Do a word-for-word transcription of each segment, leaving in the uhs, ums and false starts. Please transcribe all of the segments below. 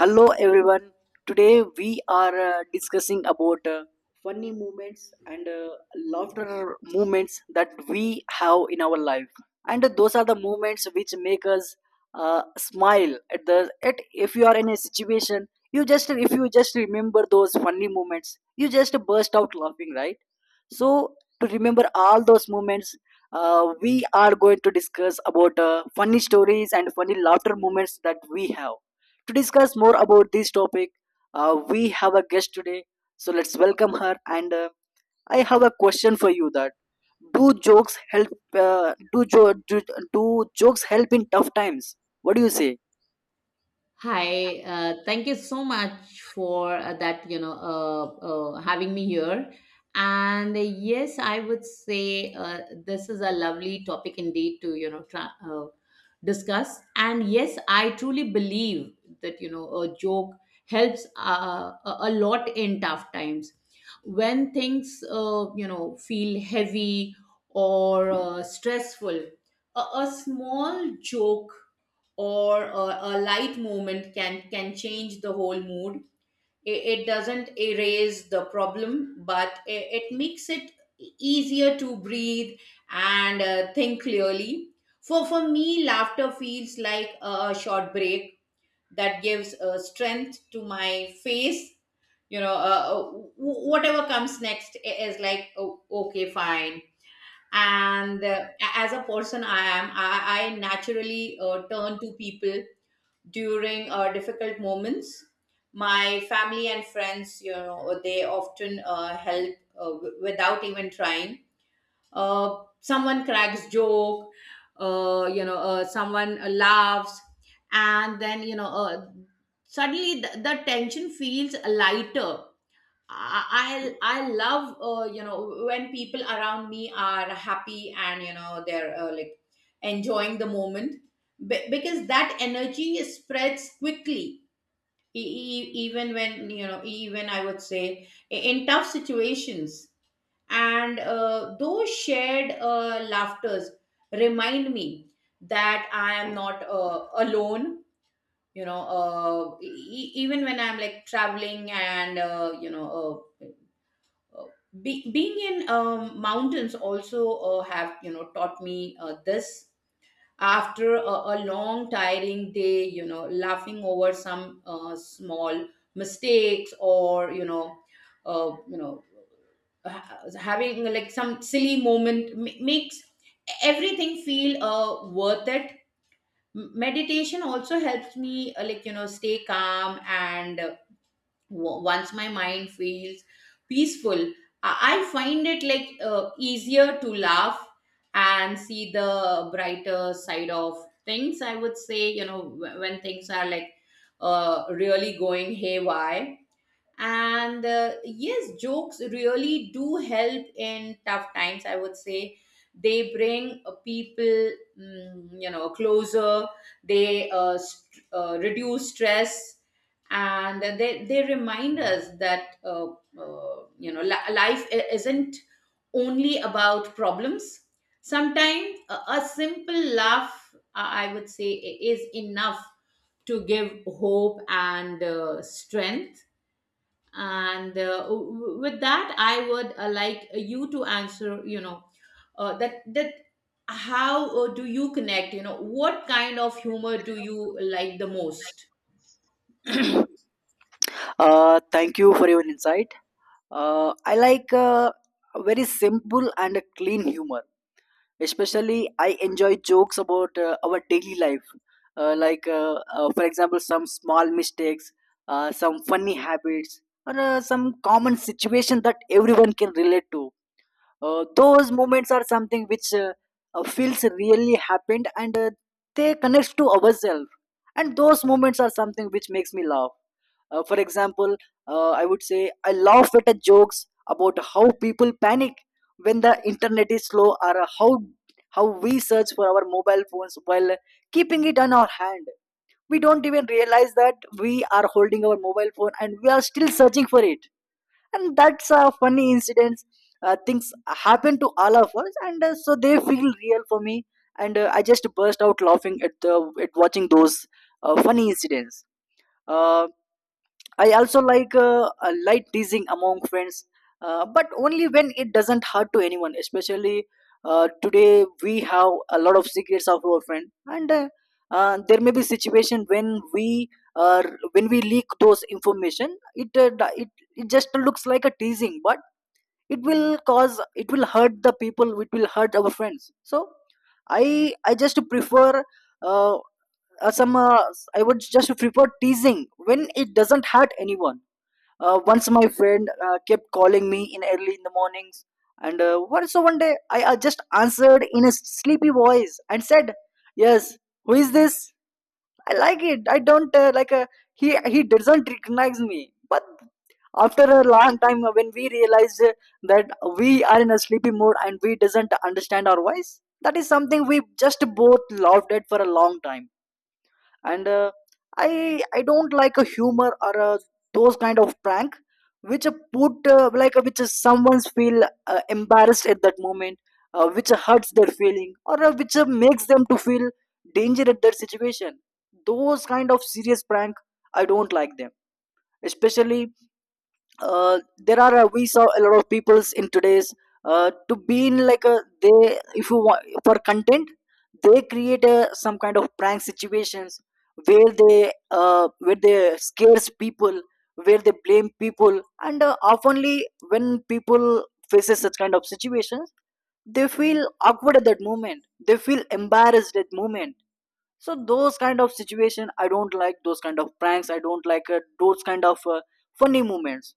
Hello everyone. Today we are uh, discussing about uh, funny moments and uh, laughter moments that we have in our life. And those are the moments which make us uh, smile at the at if you are in a situation you just if you just remember those funny moments you just burst out laughing, right? So to remember all those moments, uh, we are going to discuss about uh, funny stories and funny laughter moments that we have. To discuss more about this topic, uh, we have a guest today. So let's welcome her. And uh, I have a question for you: that do jokes help? Uh, do, jo- do do jokes help in tough times? What do you say? Hi, uh, thank you so much for uh, that, you know, uh, uh, having me here. And uh, yes, I would say uh, this is a lovely topic indeed to, you know, tra- uh, discuss. And yes, I truly believe that, you know, a joke helps uh, a a lot in tough times. When things, uh, you know, feel heavy or uh, stressful, a, a small joke or a, a light movement can can change the whole mood. It, it doesn't erase the problem, but it, it makes it easier to breathe and uh, think clearly. For for me, laughter feels like a, a short break that gives uh, strength to my face. You know uh, uh, wh- whatever comes next i- is like, oh, okay, fine. And uh, a- as a person i am i, I naturally uh, turn to people during uh, difficult moments. My family and friends, you know, they often uh, help uh, w- without even trying. Uh, someone cracks joke, uh, you know, uh, someone uh, laughs, and then, you know, uh, suddenly the, the tension feels lighter. I I love, uh, you know when people around me are happy and, you know, they're uh, like enjoying the moment. Be- because that energy spreads quickly, e- e- e, even, when you know, even I would say, i- in tough situations. And uh, those shared uh, laughters remind me that I am not uh, alone. You know uh, e- e- even when I'm like traveling and, uh, you know. Uh, uh, be, Being in um, mountains also uh, have, you know, taught me uh, this. After a, a long tiring day, you know, laughing over some uh, small mistakes or, you know uh, you know ha- having like some silly moment m- makes everything feel uh, worth it. M- meditation also helps me, uh, like, you know, stay calm. And uh, Wo- once my mind feels peaceful, i I find it like uh, easier to laugh and see the brighter side of things, I would say, you know, wh- when things are like uh, really going haywire. And uh, yes, jokes really do help in tough times, I would say. They bring uh, people, mm, you know, closer. They uh, st- uh, reduce stress, and they, they remind us that uh, uh, you know li- life i- isn't only about problems. Sometimes a, a simple laugh, i I would say, i- is enough to give hope and uh, strength. And uh, w- with that, I would uh, like you to answer, you know, uh, that that how uh, do you connect, you know, what kind of humor do you like the most? Uh, thank you for your insight. Uh, I like uh, very simple and clean humor. Especially, I enjoy jokes about uh, our daily life, uh, like uh, uh, for example, some small mistakes, uh, some funny habits, or uh, some common situation that everyone can relate to. Uh, those moments are something which uh, uh, feels really happened, and uh, they connects to ourselves, and those moments are something which makes me laugh. Uh, for example, uh, I would say I laugh at the jokes about how people panic when the internet is slow, or how how we search for our mobile phones while keeping it on our hand. We don't even realize that we are holding our mobile phone and we are still searching for it, and that's a funny incident. Uh, things happen to all of us, and uh, so they feel real for me, and uh, I just burst out laughing at the at watching those uh, funny incidents. uh, I also like uh, a light teasing among friends, uh, but only when it doesn't hurt to anyone. Especially uh, today we have a lot of secrets of our friend, and uh, uh, there may be situation when we uh, when we leak those information, it uh, it it just looks like a teasing, but it will cause it will hurt the people, it will hurt our friends. So i i just prefer uh, uh, some uh, I would just prefer teasing when it doesn't hurt anyone. Uh, once my friend uh, kept calling me in early in the mornings, and uh, what so one day I, I just answered in a sleepy voice and said, "Yes, who is this?" I like it. I don't uh, like uh, he he doesn't recognize me. But after a long time, uh, when we realized uh, that we are in a sleepy mode and we doesn't understand our voice, that is something we just both laughed at for a long time. And uh, i i don't like a humor or uh those kind of prank which uh, put uh, like uh, which uh, someone's feel uh, embarrassed at that moment, uh, which uh, hurts their feeling, or uh, which uh, makes them to feel danger at their situation. Those kind of serious prank, I don't like them. Especially uh, there are uh, we saw a lot of peoples in today's uh, to be in like a they if you want for content, they create a, some kind of prank situations where they uh, where they scares people, where they blame people. And uh, oftenly when people faces such kind of situations, they feel awkward at that moment, they feel embarrassed at that moment. So those kind of situation, I don't like those kind of pranks. I don't like uh, those kind of uh, funny moments.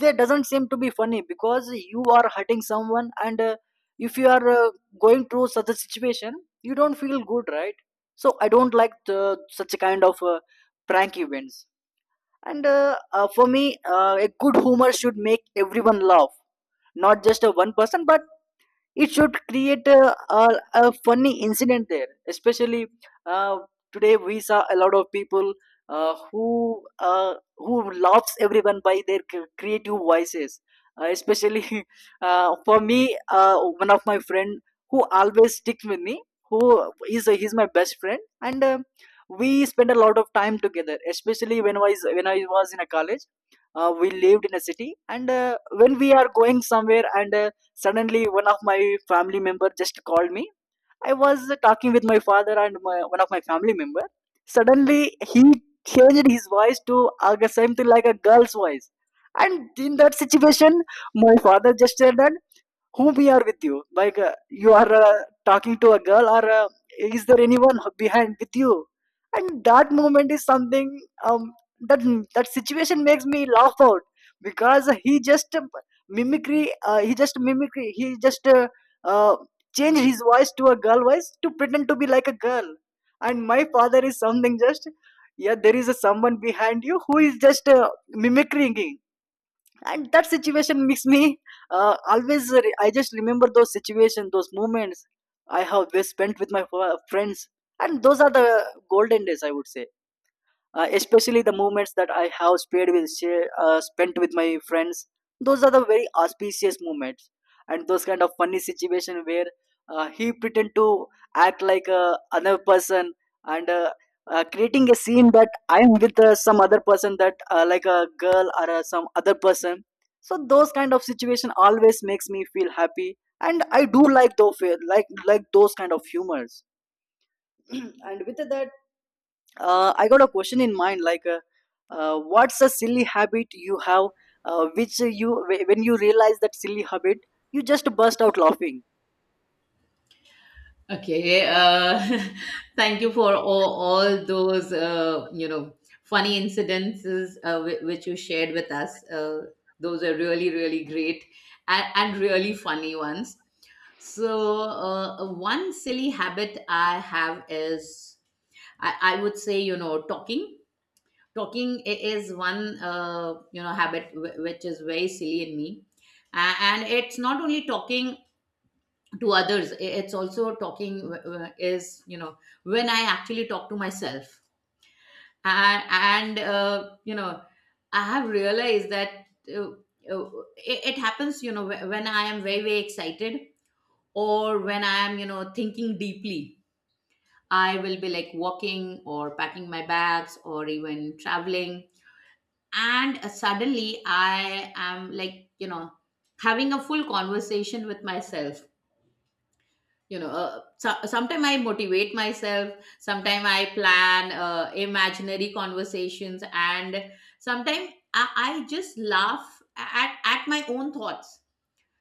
They doesn't seem to be funny because you are hurting someone, and uh, if you are uh, going through such a situation, you don't feel good, right? So I don't like the, such a kind of uh, prank events. And uh, uh, for me, uh, a good humor should make everyone laugh, not just a one person, but it should create a, a, a funny incident there. Especially uh, today we saw a lot of people uh, who uh, who laughs everyone by their c- creative voices. Uh, especially uh, for me, uh, one of my friend who always sticks with me, who is he's my best friend, and uh, we spend a lot of time together, especially when I was when I was in a college. Uh, we lived in a city, and uh, when we are going somewhere, and uh, suddenly, one of my family member just called me. I was talking with my father and my, one of my family member. Suddenly, he changed his voice to uh, something like a girl's voice. And in that situation, my father just said that who we are with you, like uh, you are uh, talking to a girl, or uh, is there anyone behind with you? And that moment is something, um, that that situation makes me laugh out, because he just um, mimicry uh, he just mimicry, he just uh, uh, changed his voice to a girl voice to pretend to be like a girl. And my father is something just, yeah, there is a someone behind you who is just uh, mimicking. And that situation makes me uh, always re- I just remember those situations, those moments I have best spent with my f- friends. And those are the golden days, I would say. Uh, especially the moments that I have spent with share- uh, spent with my friends. Those are the very auspicious moments, and those kind of funny situation where uh, he pretend to act like uh, another person, and uh, uh, creating a scene that I am with uh, some other person, that uh, like a girl or uh, some other person. So those kind of situation always makes me feel happy, and I do like those like like those kind of humors. And with that, uh, I got a question in mind. Like, uh, uh, what's a silly habit you have, uh, which you when you realize that silly habit, you just burst out laughing. Okay. Uh, thank you for all, all those, uh, you know funny incidences uh, whi- which you shared with us. Uh, those are really really great and, and really funny ones. So uh, one silly habit I have is, I, I would say, you know, talking. Talking i- is one, uh, you know, habit wh- which is very silly in me. A- And it's not only talking to others, i- it's also talking w- w- is, you know, when I actually talk to myself. And, and uh, you know, I have realized that uh, uh, it, it happens, you know, wh- when I am very, very excited, or when I am, you know, thinking deeply. I will be like walking or packing my bags or even traveling. And uh, suddenly I am like, you know, having a full conversation with myself. You know, uh, so, sometimes I motivate myself, sometimes I plan uh, imaginary conversations, and sometimes I, I just laugh at, at my own thoughts,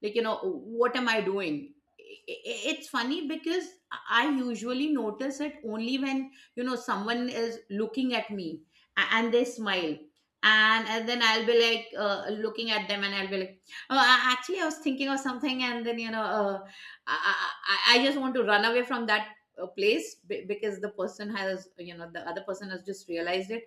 like, you know, what am I doing? I- I- it's funny because I usually notice it only when, you know, someone is looking at me a- and they smile, and, and then I'll be like, uh, looking at them, and I'll be like, oh, a- actually, I was thinking of something. And then, you know, uh, I, I, I I just want to run away from that uh, place, be- because the person has, you know, the other person has just realized it.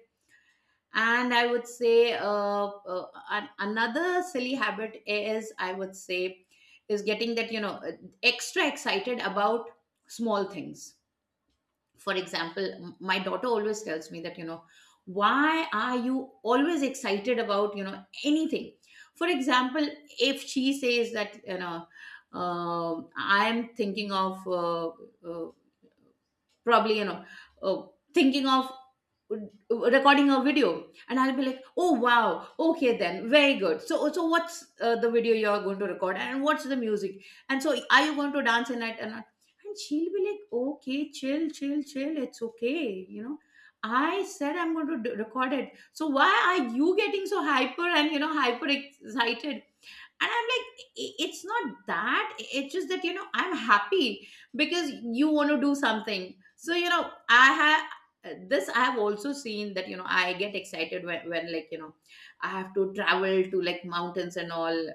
And I would say, uh, uh, an- another silly habit is, I would say, is getting that, you know uh, extra excited about small things. For example, m- my daughter always tells me that, you know, why are you always excited about, you know, anything? For example, if she says that, you know, um, I'm thinking of, uh, uh, probably, you know, uh, thinking of uh, recording a video. And I'll be like, oh, wow, okay, then very good. So, so what's uh, the video you're going to record, and what's the music, and so are you going to dance in it? and and she'll be like, okay, chill, chill, chill, it's okay, you know. I said, I'm going to d- record it, so why are you getting so hyper, and, you know, hyper excited? And I'm like, i- it's not that, it's just that, you know, I'm happy because you want to do something. So, you know, I have, uh, this, I have also seen that, you know, I get excited when, when like, you know, I have to travel to like mountains and all.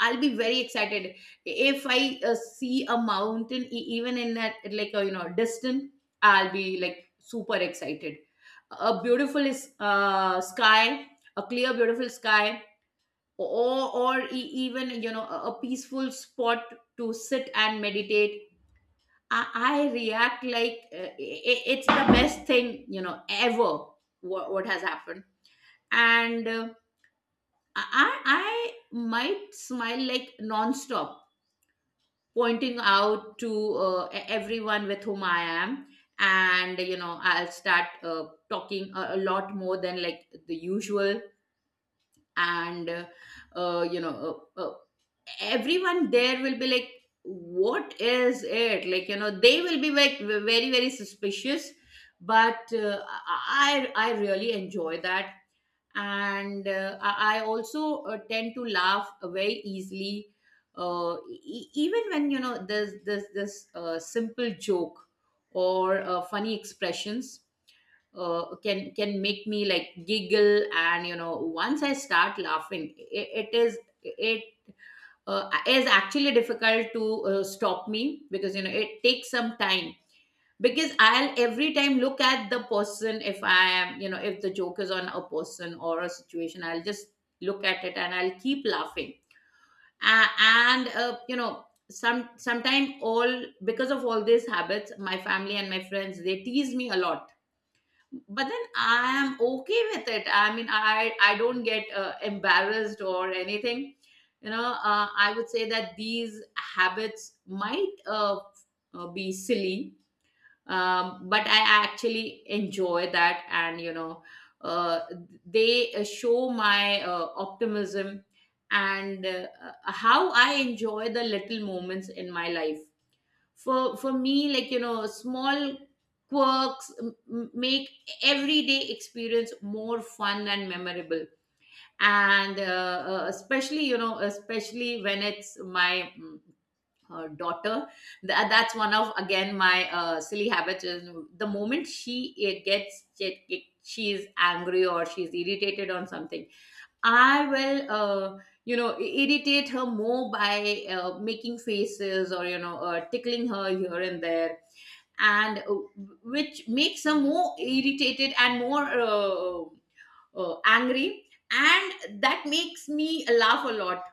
I'll be very excited. If I uh, see a mountain, e- even in that, like, a, you know, distant, I'll be like super excited. A beautiful is uh, sky, a clear, beautiful sky, or or e- even, you know, a a peaceful spot to sit and meditate. i, I react like, uh, i- it's the best thing, you know, ever. what, what has happened? And uh, i I might smile like nonstop, pointing out to uh, e- everyone with whom I am. And, you know, I'll start uh, talking a, a lot more than like the usual. And uh, uh, you know uh, uh, everyone there will be like, what is it, like, you know, they will be like ve- very, very suspicious. But uh, i I really enjoy that. And uh, i I also uh, tend to laugh very easily. uh, e- Even when, you know, there's this this uh, simple joke or uh, funny expressions, uh, can can make me like giggle. And, you know, once I start laughing, it, it is it uh, is actually difficult to uh, stop me, because you know it takes some time, because I'll every time look at the person. If I am, you know, if the joke is on a person or a situation, I'll just look at it and I'll keep laughing. A- and, uh, you know, some sometime, all because of all these habits, my family and my friends, they tease me a lot. But then I am okay with it. I mean, i I don't get uh, embarrassed or anything. You know, uh, I would say that these habits might uh, uh, be silly, um, but I actually enjoy that. And, you know uh, they uh, show my uh, optimism and uh, uh, how I enjoy the little moments in my life. For for me, like, you know, small quirks m- m- make everyday experience more fun and memorable. And uh, uh, especially, you know, especially when it's my mm, uh, daughter. Tha- that's one of, again, my uh, silly habits is, the moment she uh, gets she she is angry or she's irritated on something, I will, uh, you know, i- irritate her more by uh, making faces or, you know, uh, tickling her here and there, and uh, which makes her more irritated and more uh, uh, angry. And that makes me laugh a lot.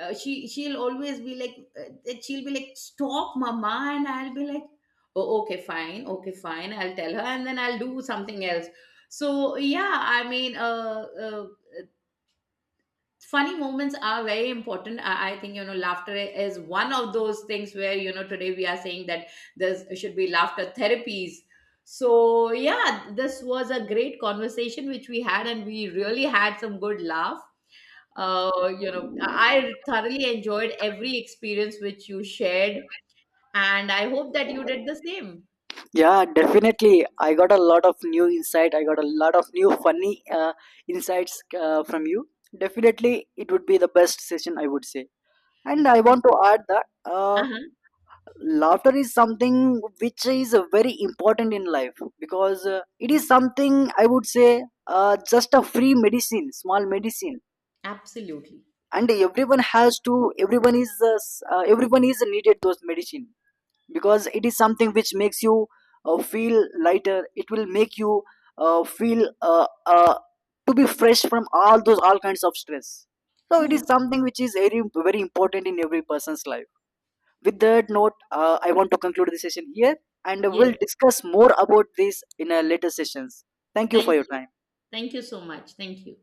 Uh, she she'll always be like, uh, she'll be like, stop, mama, and I'll be like, oh, okay, fine, okay, fine. I'll tell her, and then I'll do something else. So yeah, I mean, uh, uh, funny moments are very important. I, I think, you know, laughter is one of those things where, you know, today we are saying that there should be laughter therapies. So yeah, this was a great conversation which we had, and we really had some good laugh. uh, you know i I thoroughly enjoyed every experience which you shared, and I hope that you did the same. Yeah, definitely. I got a lot of new insight. I got a lot of new funny uh, insights uh, from you. Definitely, it would be the best session, I would say. And I Thank want to you. add that uh, Uh-huh. laughter is something which is uh, very important in life, because uh, it is something, I would say, uh, just a free medicine, small medicine. Absolutely. And everyone has to everyone is uh, s- uh, everyone is needed those medicine, because it is something which makes you uh, feel lighter. It will make you uh, feel uh, uh, to be fresh from all those all kinds of stress. So it is True. something which is very very important in every person's life. With that note, uh, I want to conclude this session here, and we'll Yes. discuss more about this in our later sessions. Thank you for Thank your you. time. Thank you so much. Thank you.